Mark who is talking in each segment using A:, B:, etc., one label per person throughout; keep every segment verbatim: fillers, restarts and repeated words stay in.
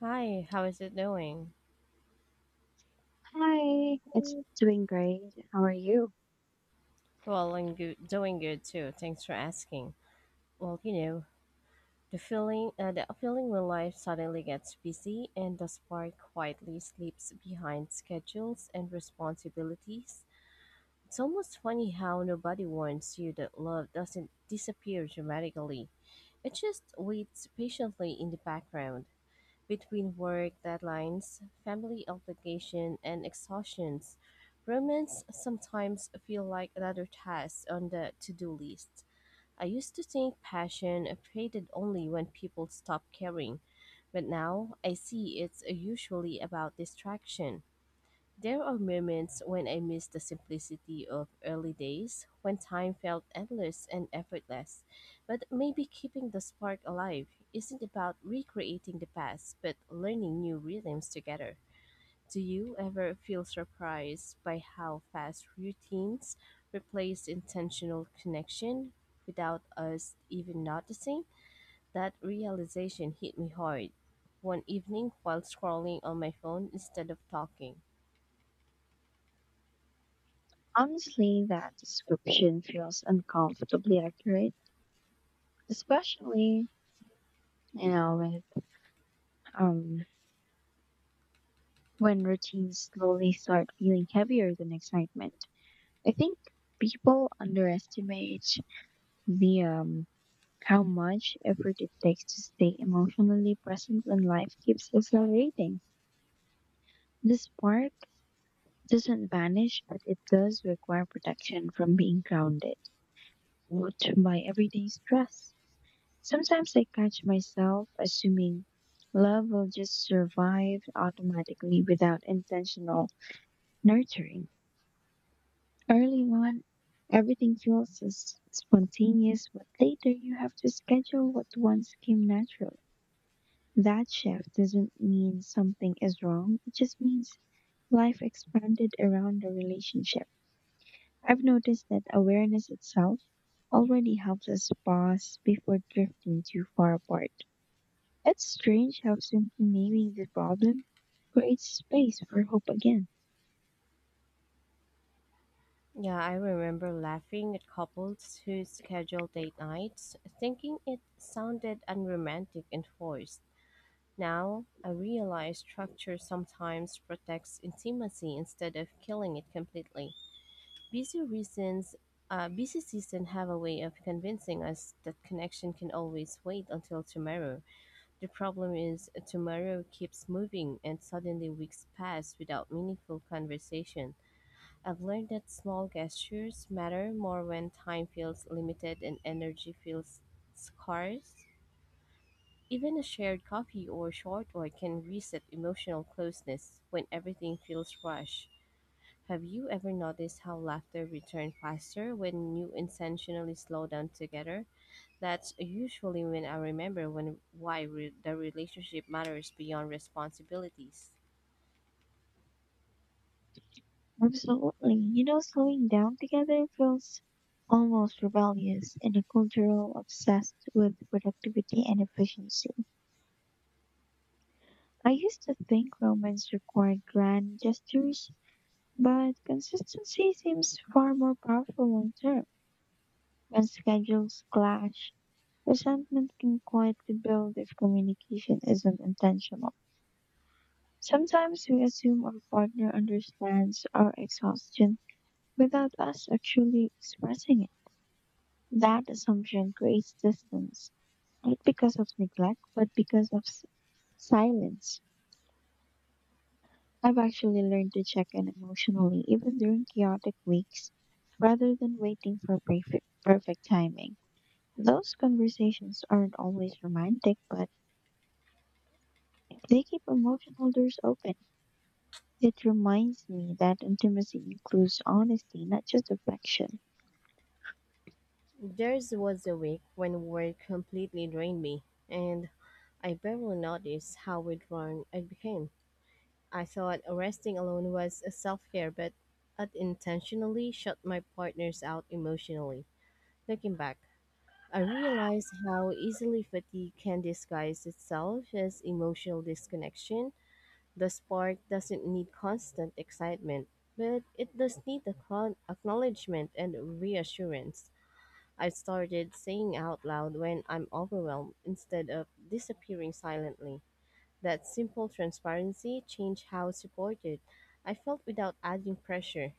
A: Hi, how is it doing?
B: Hi, it's doing great. How are you?
A: Well, I'm good, doing good too. Thanks for asking. Well, you know, the feeling, uh, the feeling when life suddenly gets busy and the spark quietly sleeps behind schedules and responsibilities. It's almost funny how nobody warns you that love doesn't disappear dramatically. It just waits patiently in the background. Between work deadlines, family obligation, and exhaustions, romance sometimes feel like another task on the to-do list. I used to think passion faded only when people stopped caring, but now I see it's usually about distraction. There are moments when I miss the simplicity of early days, when time felt endless and effortless. But maybe keeping the spark alive isn't about recreating the past, but learning new rhythms together. Do you ever feel surprised by how fast routines replace intentional connection without us even noticing? That realization hit me hard one evening while scrolling on my phone instead of talking.
B: Honestly, that description feels uncomfortably accurate, especially, you know, with um when routines slowly start feeling heavier than excitement. I think people underestimate the um how much effort it takes to stay emotionally present when life keeps accelerating. The spark doesn't vanish, but it does require protection from being grounded with my everyday stress. Sometimes I catch myself assuming love will just survive automatically without intentional nurturing. Early on, everything feels so s- spontaneous, but later you have to schedule what once came natural. That shift doesn't mean something is wrong, it just means life expanded around the relationship. I've noticed that awareness itself already helps us pause before drifting too far apart. It's strange how simply naming the problem creates space for hope again.
A: Yeah, I remember laughing at couples who scheduled date nights, thinking it sounded unromantic and forced. Now, I realize structure sometimes protects intimacy instead of killing it completely. Busy reasons, uh, Busy season have a way of convincing us that connection can always wait until tomorrow. The problem is tomorrow keeps moving and suddenly weeks pass without meaningful conversation. I've learned that small gestures matter more when time feels limited and energy feels scarce. Even a shared coffee or short walk can reset emotional closeness when everything feels rushed. Have you ever noticed how laughter returns faster when you intentionally slow down together? That's usually when I remember when why re- the relationship matters beyond responsibilities.
B: Absolutely. You know, slowing down together feels almost rebellious in a cultural obsessed with productivity and efficiency. I used to think romance required grand gestures, but consistency seems far more powerful long term. When schedules clash, resentment can quietly build if communication isn't intentional. Sometimes we assume our partner understands our exhaustion without us actually expressing it. That assumption creates distance, not because of neglect, but because of s- silence. I've actually learned to check in emotionally even during chaotic weeks rather than waiting for perfect, perfect timing. Those conversations aren't always romantic, but they keep emotional doors open. It reminds me that intimacy includes honesty, not just affection.
A: Theirs was a week when work completely drained me, and I barely noticed how withdrawn I became. I thought resting alone was a self care, but I'd intentionally shut my partners out emotionally. Looking back, I realized how easily fatigue can disguise itself as emotional disconnection. The spark doesn't need constant excitement, but it does need acco- acknowledgement and reassurance. I started saying out loud when I'm overwhelmed instead of disappearing silently. That simple transparency changed how supported I felt without adding pressure.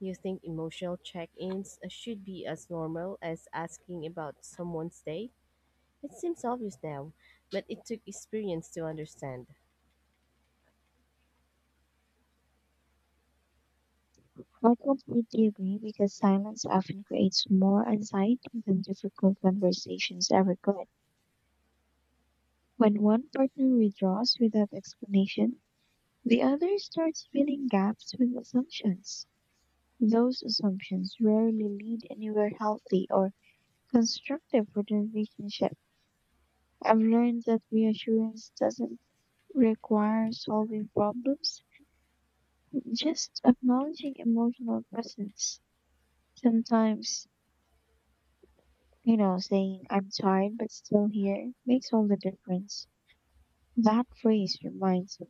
A: You think emotional check ins should be as normal as asking about someone's day? It seems obvious now, but it took experience to understand.
B: I completely agree because silence often creates more anxiety than difficult conversations ever could. When one partner withdraws without explanation, the other starts filling gaps with assumptions. Those assumptions rarely lead anywhere healthy or constructive for the relationship. I've learned that reassurance doesn't require solving problems, just acknowledging emotional presence. Sometimes, you know, saying, "I'm tired but still here" makes all the difference. That phrase reminds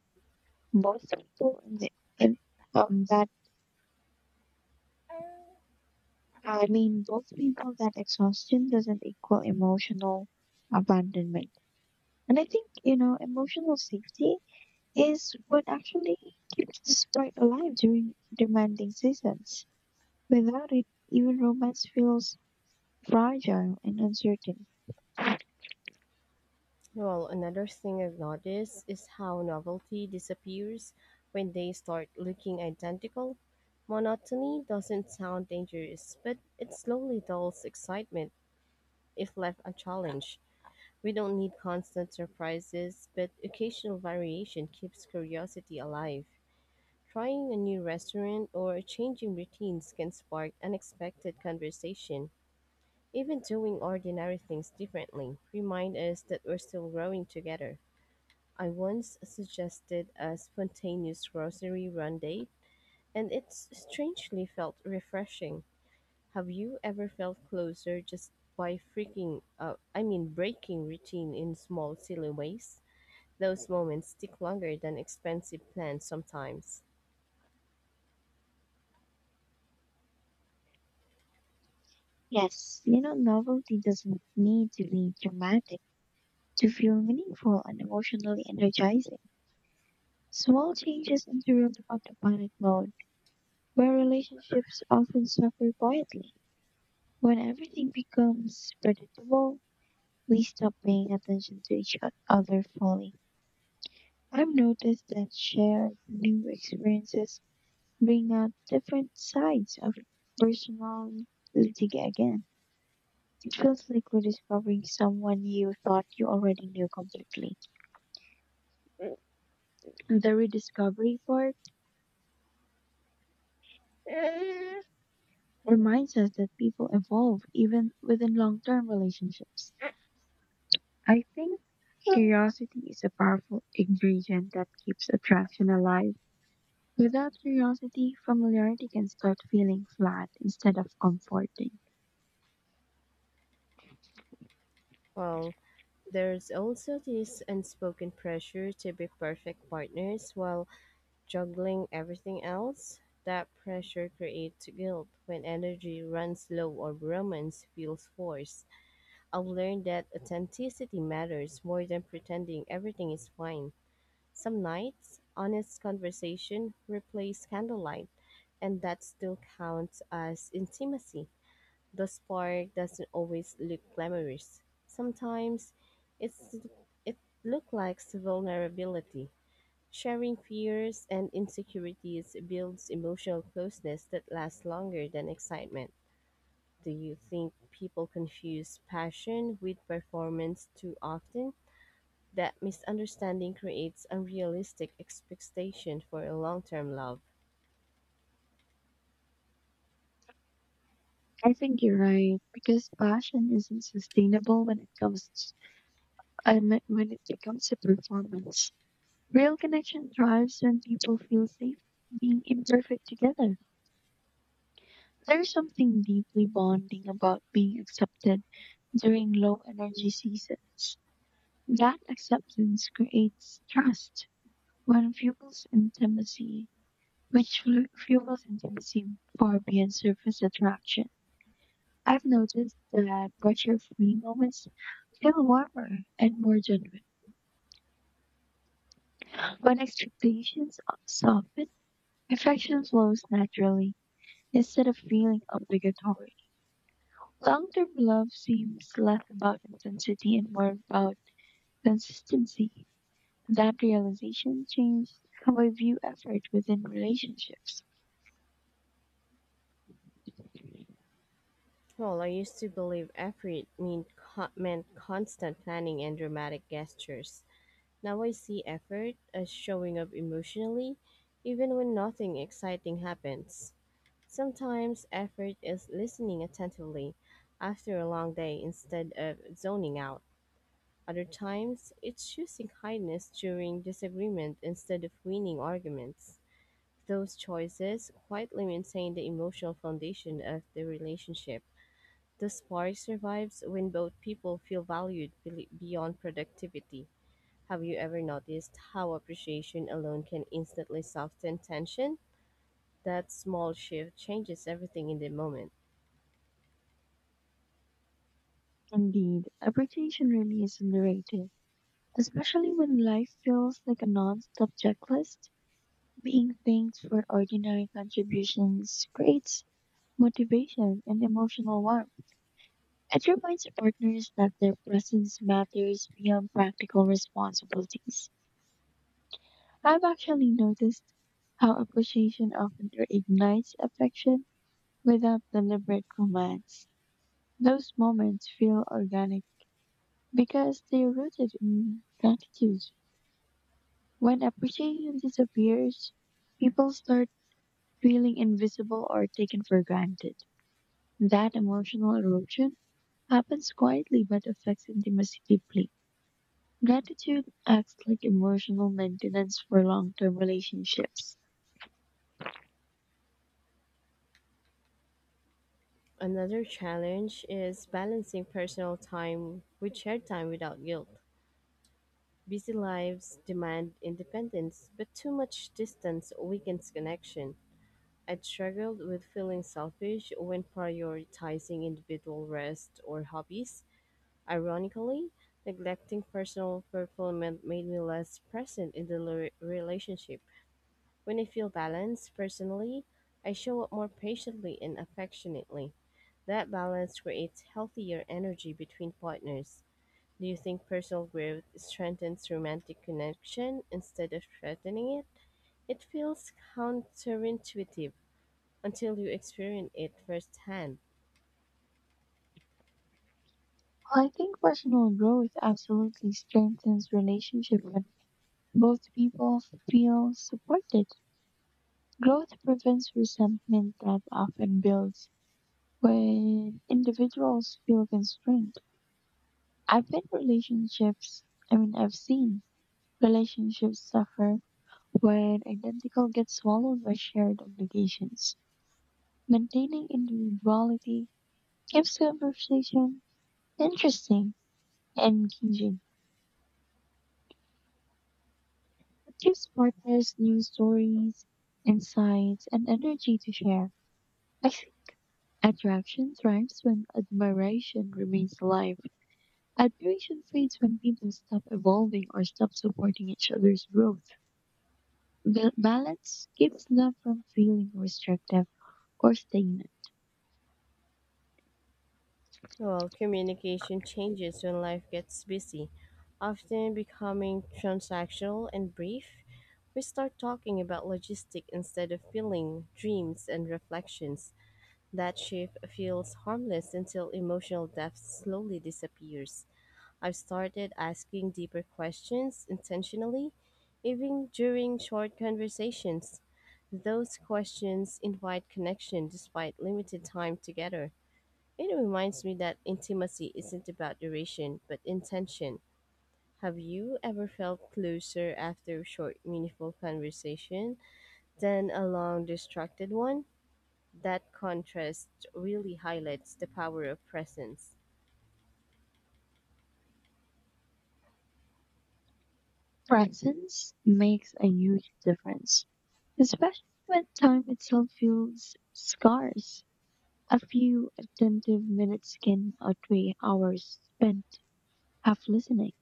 B: both people and the, and, um, that, I mean, both people that exhaustion doesn't equal emotional abandonment. And I think, you know, emotional safety is what actually keeps the spark alive during demanding seasons. Without it, even romance feels fragile and uncertain.
A: Well, another thing I've noticed is how novelty disappears when they start looking identical. Monotony doesn't sound dangerous, but it slowly dulls excitement if left unchallenged. We don't need constant surprises, but occasional variation keeps curiosity alive. Trying a new restaurant or changing routines can spark unexpected conversation. Even doing ordinary things differently remind us that we're still growing together. I once suggested a spontaneous grocery run date, and it strangely felt refreshing. Have you ever felt closer just by freaking, uh, I mean, breaking routine in small, silly ways? Those moments stick longer than expensive plans sometimes.
B: Yes, you know, novelty doesn't need to be dramatic to feel meaningful and emotionally energizing. Small changes interrupt autopilot mode, where relationships often suffer quietly. When everything becomes predictable, we stop paying attention to each o- other fully. I've noticed that shared new experiences bring out different sides of personality again. It feels like rediscovering someone you thought you already knew completely. The rediscovery part reminds us that people evolve even within long term relationships. I think curiosity is a powerful ingredient that keeps attraction alive. Without curiosity, familiarity can start feeling flat instead of comforting.
A: Well, there's also this unspoken pressure to be perfect partners while juggling everything else. That pressure creates guilt when energy runs low or romance feels forced. I've learned that authenticity matters more than pretending everything is fine. Some nights, honest conversation replaces candlelight, and that still counts as intimacy. The spark doesn't always look glamorous. Sometimes it's it looks like vulnerability. Sharing fears and insecurities builds emotional closeness that lasts longer than excitement. Do you think people confuse passion with performance too often? That misunderstanding creates unrealistic expectations for a long-term love.
B: I think you're right because passion isn't sustainable when it comes to, I mean, when it becomes a performance. Real connection thrives when people feel safe being imperfect together. There's something deeply bonding about being accepted during low energy seasons. That acceptance creates trust when fuels intimacy, which flu- fuels intimacy far beyond surface attraction. I've noticed that pressure free moments feel warmer and more genuine. When expectations soften, affection flows naturally instead of feeling obligatory. Long term love seems less about intensity and more about consistency. That realization changed how I view effort within relationships.
A: Well, I used to believe effort meant, co- meant constant planning and dramatic gestures. Now I see effort as showing up emotionally, even when nothing exciting happens. Sometimes effort is listening attentively after a long day instead of zoning out. Other times, it's choosing kindness during disagreement instead of winning arguments. Those choices quietly maintain the emotional foundation of the relationship. The spark survives when both people feel valued be- beyond productivity. Have you ever noticed how appreciation alone can instantly soften tension? That small shift changes everything in the moment.
B: Indeed, appreciation really is underrated, especially when life feels like a non stop checklist. Being thanked for ordinary contributions creates motivation and emotional warmth. It reminds partners that their presence matters beyond practical responsibilities. I've actually noticed how appreciation often reignites affection without deliberate romance. Those moments feel organic because they're rooted in gratitude. When appreciation disappears, people start feeling invisible or taken for granted. That emotional erosion happens quietly but affects intimacy deeply. Gratitude acts like emotional maintenance for long term relationships.
A: Another challenge is balancing personal time with shared time without guilt. Busy lives demand independence, but too much distance weakens connection. I struggled with feeling selfish when prioritizing individual rest or hobbies. Ironically, neglecting personal fulfillment made me less present in the le- relationship. When I feel balanced personally, I show up more patiently and affectionately. That balance creates healthier energy between partners. Do you think personal growth strengthens romantic connection instead of threatening it? It feels counterintuitive until you experience it firsthand.
B: I think personal growth absolutely strengthens relationship when both people feel supported. Growth prevents resentment that often builds when individuals feel constrained. I've been relationships, I mean, I've seen relationships suffer when identical gets swallowed by shared obligations. Maintaining individuality keeps conversation interesting and engaging. It gives partners new stories, insights, and energy to share. I think attraction thrives when admiration remains alive. Admiration fades when people stop evolving or stop supporting each other's growth. Ba- balance keeps love from feeling restrictive or stagnant.
A: Well, communication changes when life gets busy, often becoming transactional and brief. We start talking about logistics instead of feeling, dreams, and reflections. That shift feels harmless until emotional depth slowly disappears. I've started asking deeper questions intentionally, even during short conversations. Those questions invite connection despite limited time together. It reminds me that intimacy isn't about duration, but intention. Have you ever felt closer after a short, meaningful conversation than a long, distracted one? That contrast really highlights the power of presence.
B: Presence makes a huge difference, especially when time itself feels scarce. A few attentive minutes can outweigh hours spent half listening.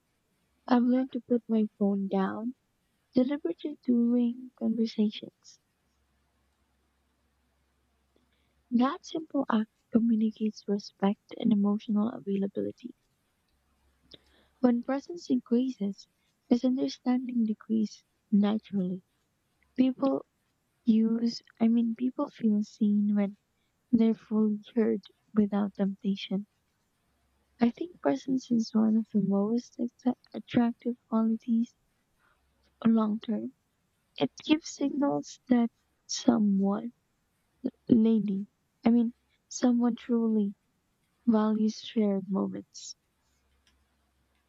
B: I've learned to put my phone down deliberately during conversations. That simple act communicates respect and emotional availability. When presence increases, misunderstanding decreases naturally. People use, I mean, people feel seen when they're fully heard without temptation. I think presence is one of the most attra- attractive qualities long term. It gives signals that someone lady. I mean, someone truly values shared moments.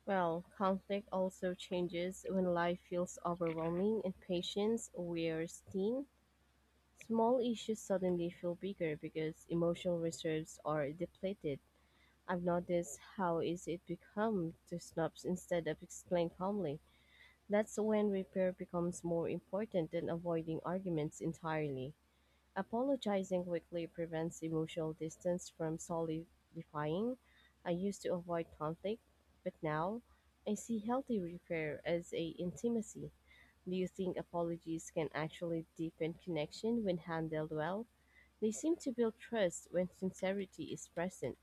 A: Well, conflict also changes when life feels overwhelming and patience wears thin. Small issues suddenly feel bigger because emotional reserves are depleted. I've noticed how easy it becomes to snobs instead of explain calmly. That's when repair becomes more important than avoiding arguments entirely. Apologizing quickly prevents emotional distance from solidifying. I used to avoid conflict, but now I see healthy repair as a intimacy. Do you think apologies can actually deepen connection when handled well? They seem to build trust when sincerity is present.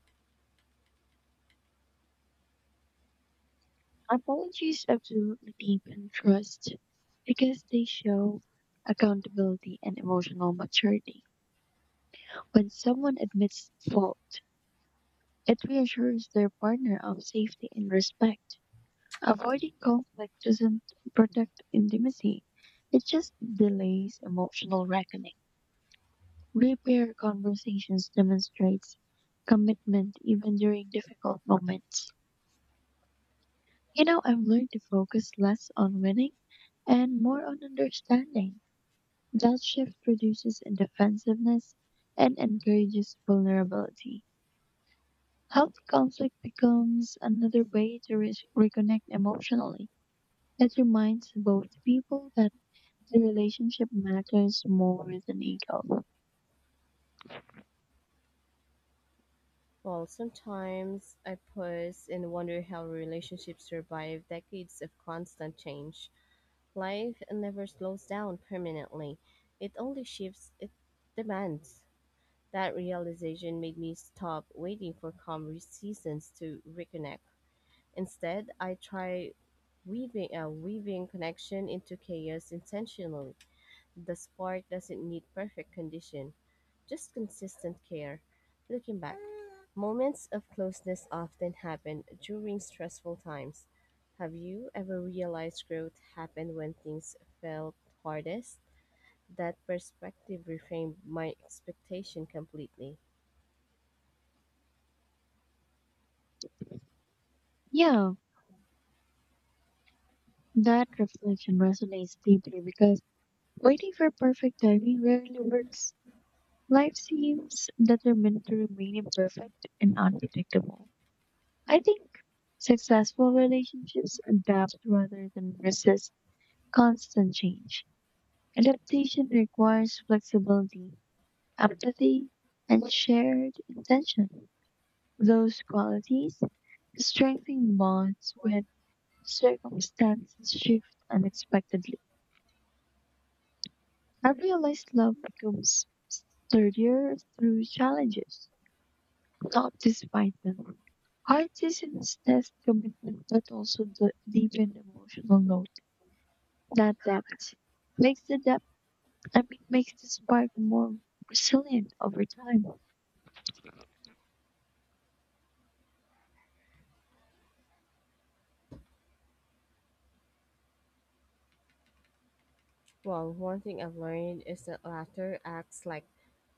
B: Apologies absolutely deepen trust because they show accountability and emotional maturity. When someone admits fault, it reassures their partner of safety and respect. Avoiding conflict doesn't protect intimacy, it just delays emotional reckoning. Repair conversations demonstrates commitment even during difficult moments. You know, I've learned to focus less on winning and more on understanding. That shift reduces defensiveness and encourages vulnerability. Healthy conflict becomes another way to re- reconnect emotionally. It reminds both people that the relationship matters more than ego.
A: Well, sometimes I pause and wonder how relationships survive decades of constant change. Life never slows down permanently, it only shifts its demands. That realization made me stop waiting for calm re- seasons to reconnect. Instead, I try weaving uh, weaving connection into chaos intentionally. The spark doesn't need perfect condition. Just consistent care. Looking back, moments of closeness often happen during stressful times. Have you ever realized growth happened when things felt hardest? That perspective reframed my expectation completely.
B: Yeah, that reflection resonates deeply because waiting for perfect timing rarely works. Life seems determined to remain imperfect and unpredictable. I think successful relationships adapt rather than resist constant change. Adaptation requires flexibility, empathy, and shared intention. Those qualities strengthen bonds when circumstances shift unexpectedly. I realized love becomes sturdier through challenges, not despite them. Hard seasons test commitment, but also the deepened emotional note. That depth makes the depth, I mean, makes the spark more resilient over time.
A: Well, one thing I've learned is that laughter acts like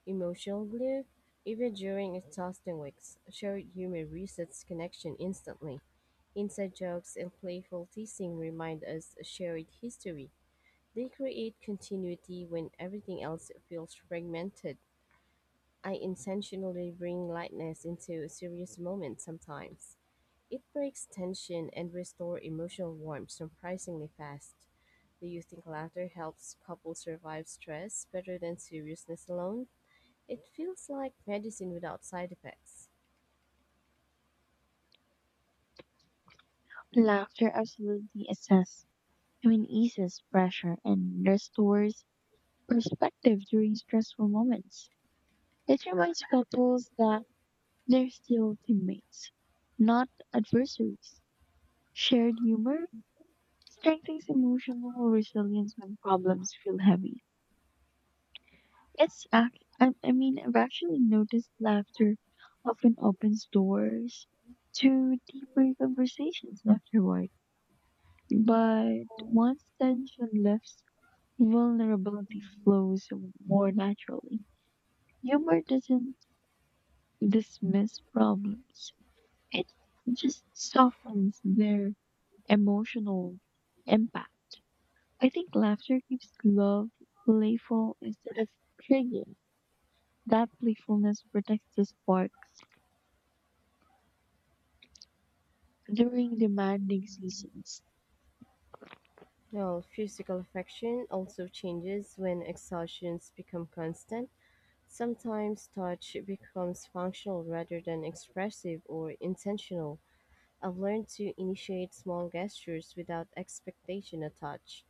A: emotional glue. Even during exhausting weeks, shared humor resets connection instantly. Inside jokes and playful teasing remind us shared history. They create continuity when everything else feels fragmented. I intentionally bring lightness into serious moments sometimes. It breaks tension and restores emotional warmth surprisingly fast. Do you think laughter helps couples survive stress better than seriousness alone? It feels like medicine without side effects.
B: Laughter absolutely assess, I mean, eases pressure and restores perspective during stressful moments. It reminds couples that they're still teammates, not adversaries. Shared humor strengthens emotional resilience when problems feel heavy. It's act I, I mean I've actually noticed laughter often opens doors to deeper conversations afterward. But once tension lifts, vulnerability flows more naturally. Humor doesn't dismiss problems. It just softens their emotional impact. I think laughter keeps love playful instead of triggering. That playfulness protects the spark during demanding seasons.
A: Well, physical affection also changes when exhaustions become constant. Sometimes touch becomes functional rather than expressive or intentional. I've learned to initiate small gestures without expectation of touch: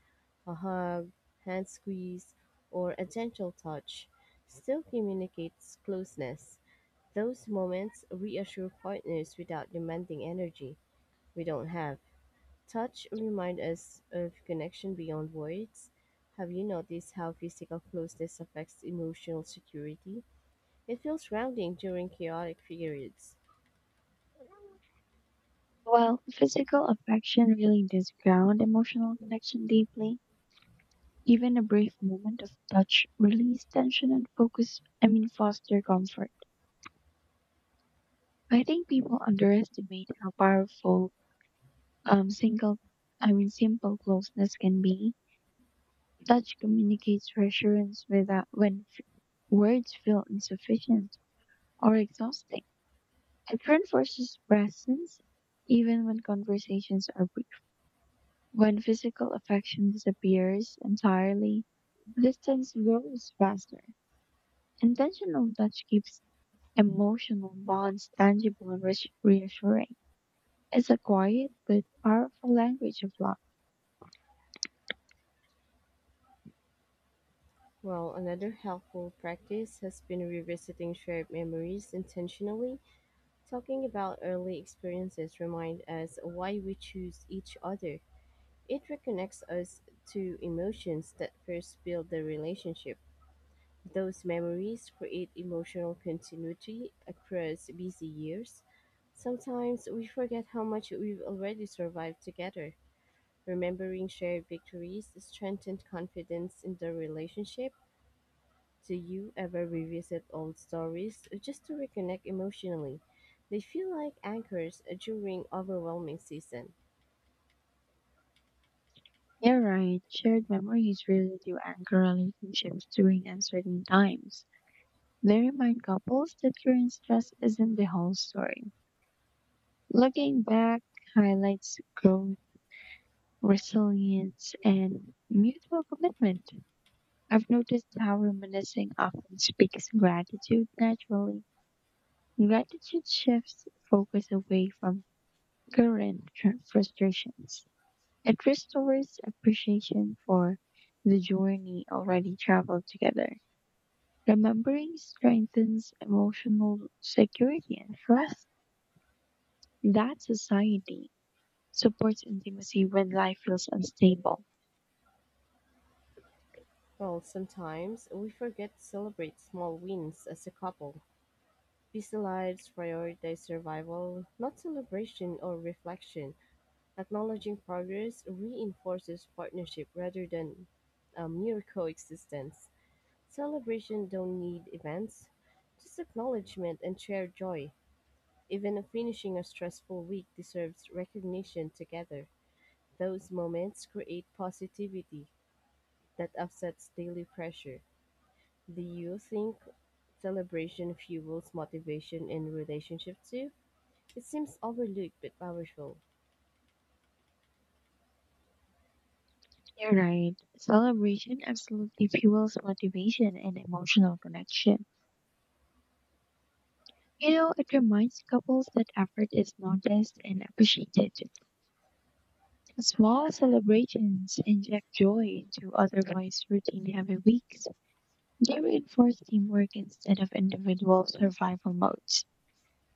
A: a hug, hand squeeze, or a gentle touch still communicates closeness. Those moments reassure partners without demanding energy we don't have. Touch reminds us of connection beyond words. Have you noticed how physical closeness affects emotional security? It feels grounding during chaotic periods.
B: While physical affection really does ground emotional connection deeply, even a brief moment of touch release tension and focus, I mean, foster comfort. I think people underestimate how powerful um, single, I mean, simple closeness can be. Touch communicates reassurance without when f- words feel insufficient or exhausting. It reinforces presence even when conversations are brief. When physical affection disappears entirely, distance grows faster. Intentional touch keeps emotional bonds tangible and reassu- reassuring. It's a quiet but powerful language of love.
A: Well, another helpful practice has been revisiting shared memories intentionally. Talking about early experiences remind us why we choose each other. It reconnects us to emotions that first build the relationship. Those memories create emotional continuity across busy years. Sometimes we forget how much we've already survived together. Remembering shared victories strengthened confidence in the relationship. Do you ever revisit old stories just to reconnect emotionally? They feel like anchors during overwhelming season.
B: You're right, shared memories really do anchor relationships during uncertain times. They remind couples that current stress isn't the whole story. Looking back highlights growth, resilience, and mutual commitment. I've noticed how reminiscing often speaks gratitude naturally. Gratitude shifts focus away from current tr- frustrations. It restores appreciation for the journey already traveled together. Remembering strengthens emotional security and trust. That society supports intimacy when life feels unstable.
A: Well, sometimes we forget to celebrate small wins as a couple. Busy lives prioritize survival, not celebration or reflection. Acknowledging progress reinforces partnership rather than a mere coexistence. Celebration don't need events, just acknowledgement and shared joy. Even a finishing a stressful week deserves recognition together. Those moments create positivity that offsets daily pressure. Do you think celebration fuels motivation in relationship too? It seems overlooked but powerful.
B: You're right. Celebration absolutely fuels motivation and emotional connection. You know, it reminds couples that effort is noticed and appreciated. Small celebrations inject joy into otherwise routine heavy weeks. They reinforce teamwork instead of individual survival modes.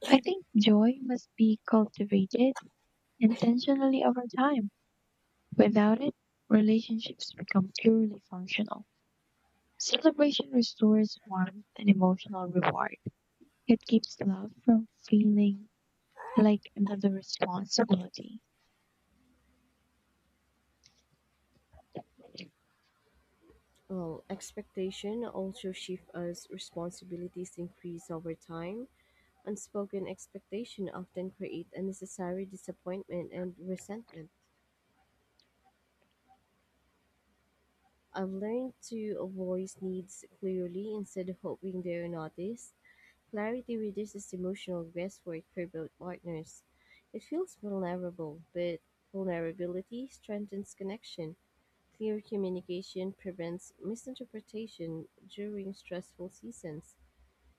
B: I think joy must be cultivated intentionally over time. Without it, relationships become purely functional. Celebration restores warmth and emotional reward. It keeps love from feeling like another responsibility.
A: Well, expectation also shift as responsibilities increase over time. Unspoken expectation often create unnecessary disappointment and resentment. I've learned to voice needs clearly instead of hoping they're noticed. Clarity reduces emotional guesswork for both partners. It feels vulnerable, but vulnerability strengthens connection. Clear communication prevents misinterpretation during stressful seasons.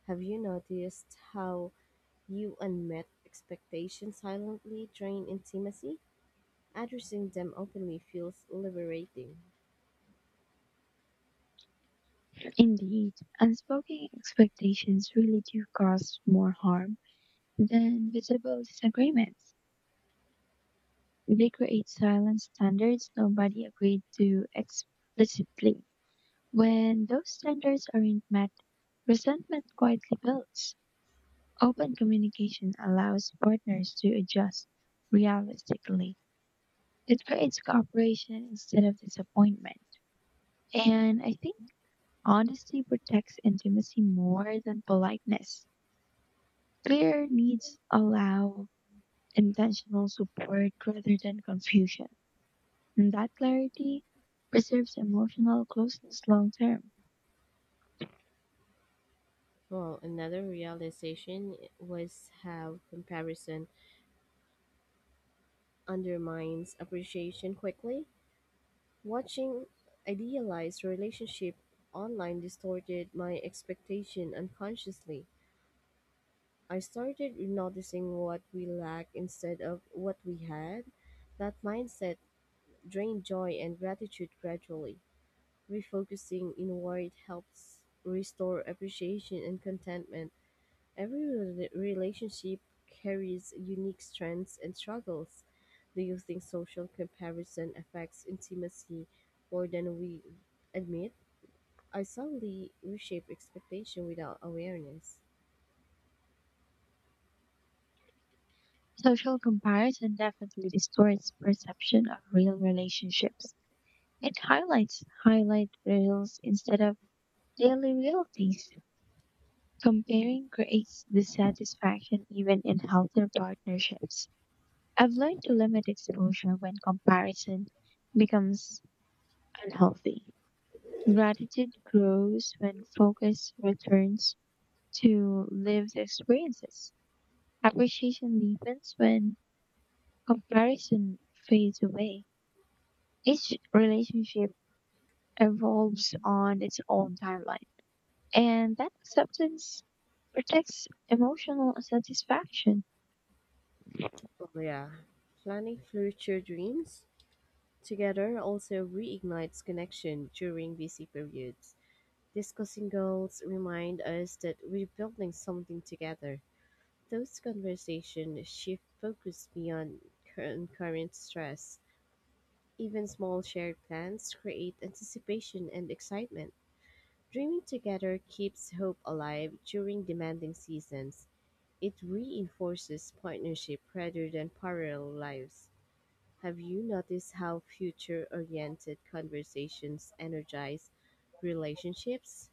A: Have you noticed how you unmet expectations silently drain intimacy? Addressing them openly feels liberating.
B: Indeed, unspoken expectations really do cause more harm than visible disagreements. They create silent standards nobody agreed to explicitly. When those standards aren't met, resentment quietly builds. Open communication allows partners to adjust realistically. It creates cooperation instead of disappointment. And I think honesty protects intimacy more than politeness. Clear needs allow intentional support rather than confusion. And that clarity preserves emotional closeness long term.
A: Well, another realization was how comparison undermines appreciation quickly. Watching idealized relationship online distorted my expectation unconsciously. I started noticing what we lack instead of what we had. That mindset drained joy and gratitude gradually. Refocusing inward helps restore appreciation and contentment. Every rela- relationship carries unique strengths and struggles. Do you think social comparison affects intimacy more than we admit? I subtly reshape expectation without awareness.
B: Social comparison definitely distorts perception of real relationships. It highlights highlight reels instead of daily realities. Comparing creates dissatisfaction even in healthier partnerships. I've learned to limit exposure when comparison becomes unhealthy. Gratitude grows when focus returns to lived experiences. Appreciation deepens when comparison fades away. Each relationship evolves on its own timeline. And that acceptance protects emotional satisfaction.
A: Oh yeah. Planning future dreams together also reignites connection during busy periods. Discussing goals remind us that we're building something together. Those conversations shift focus beyond cur- current stress. Even small shared plans create anticipation and excitement. Dreaming together keeps hope alive during demanding seasons. It reinforces partnership rather than parallel lives. Have you noticed how future oriented conversations energize relationships?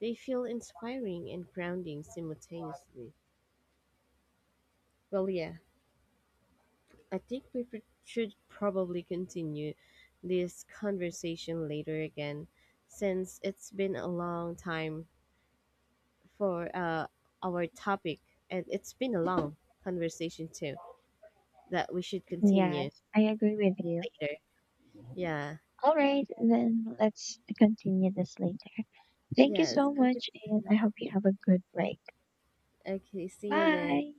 A: They feel inspiring and grounding simultaneously. Well, yeah. I think we pr- should probably continue this conversation later again, since it's been a long time for uh, our topic, and it's been a long conversation too that we should continue
B: Yes, I agree with you.
A: later. Yeah.
B: All right, then let's continue this later. Thank you
A: Yes.
B: so
A: Okay.
B: much, and I hope you have a good break.
A: Okay. See you then.
B: Bye.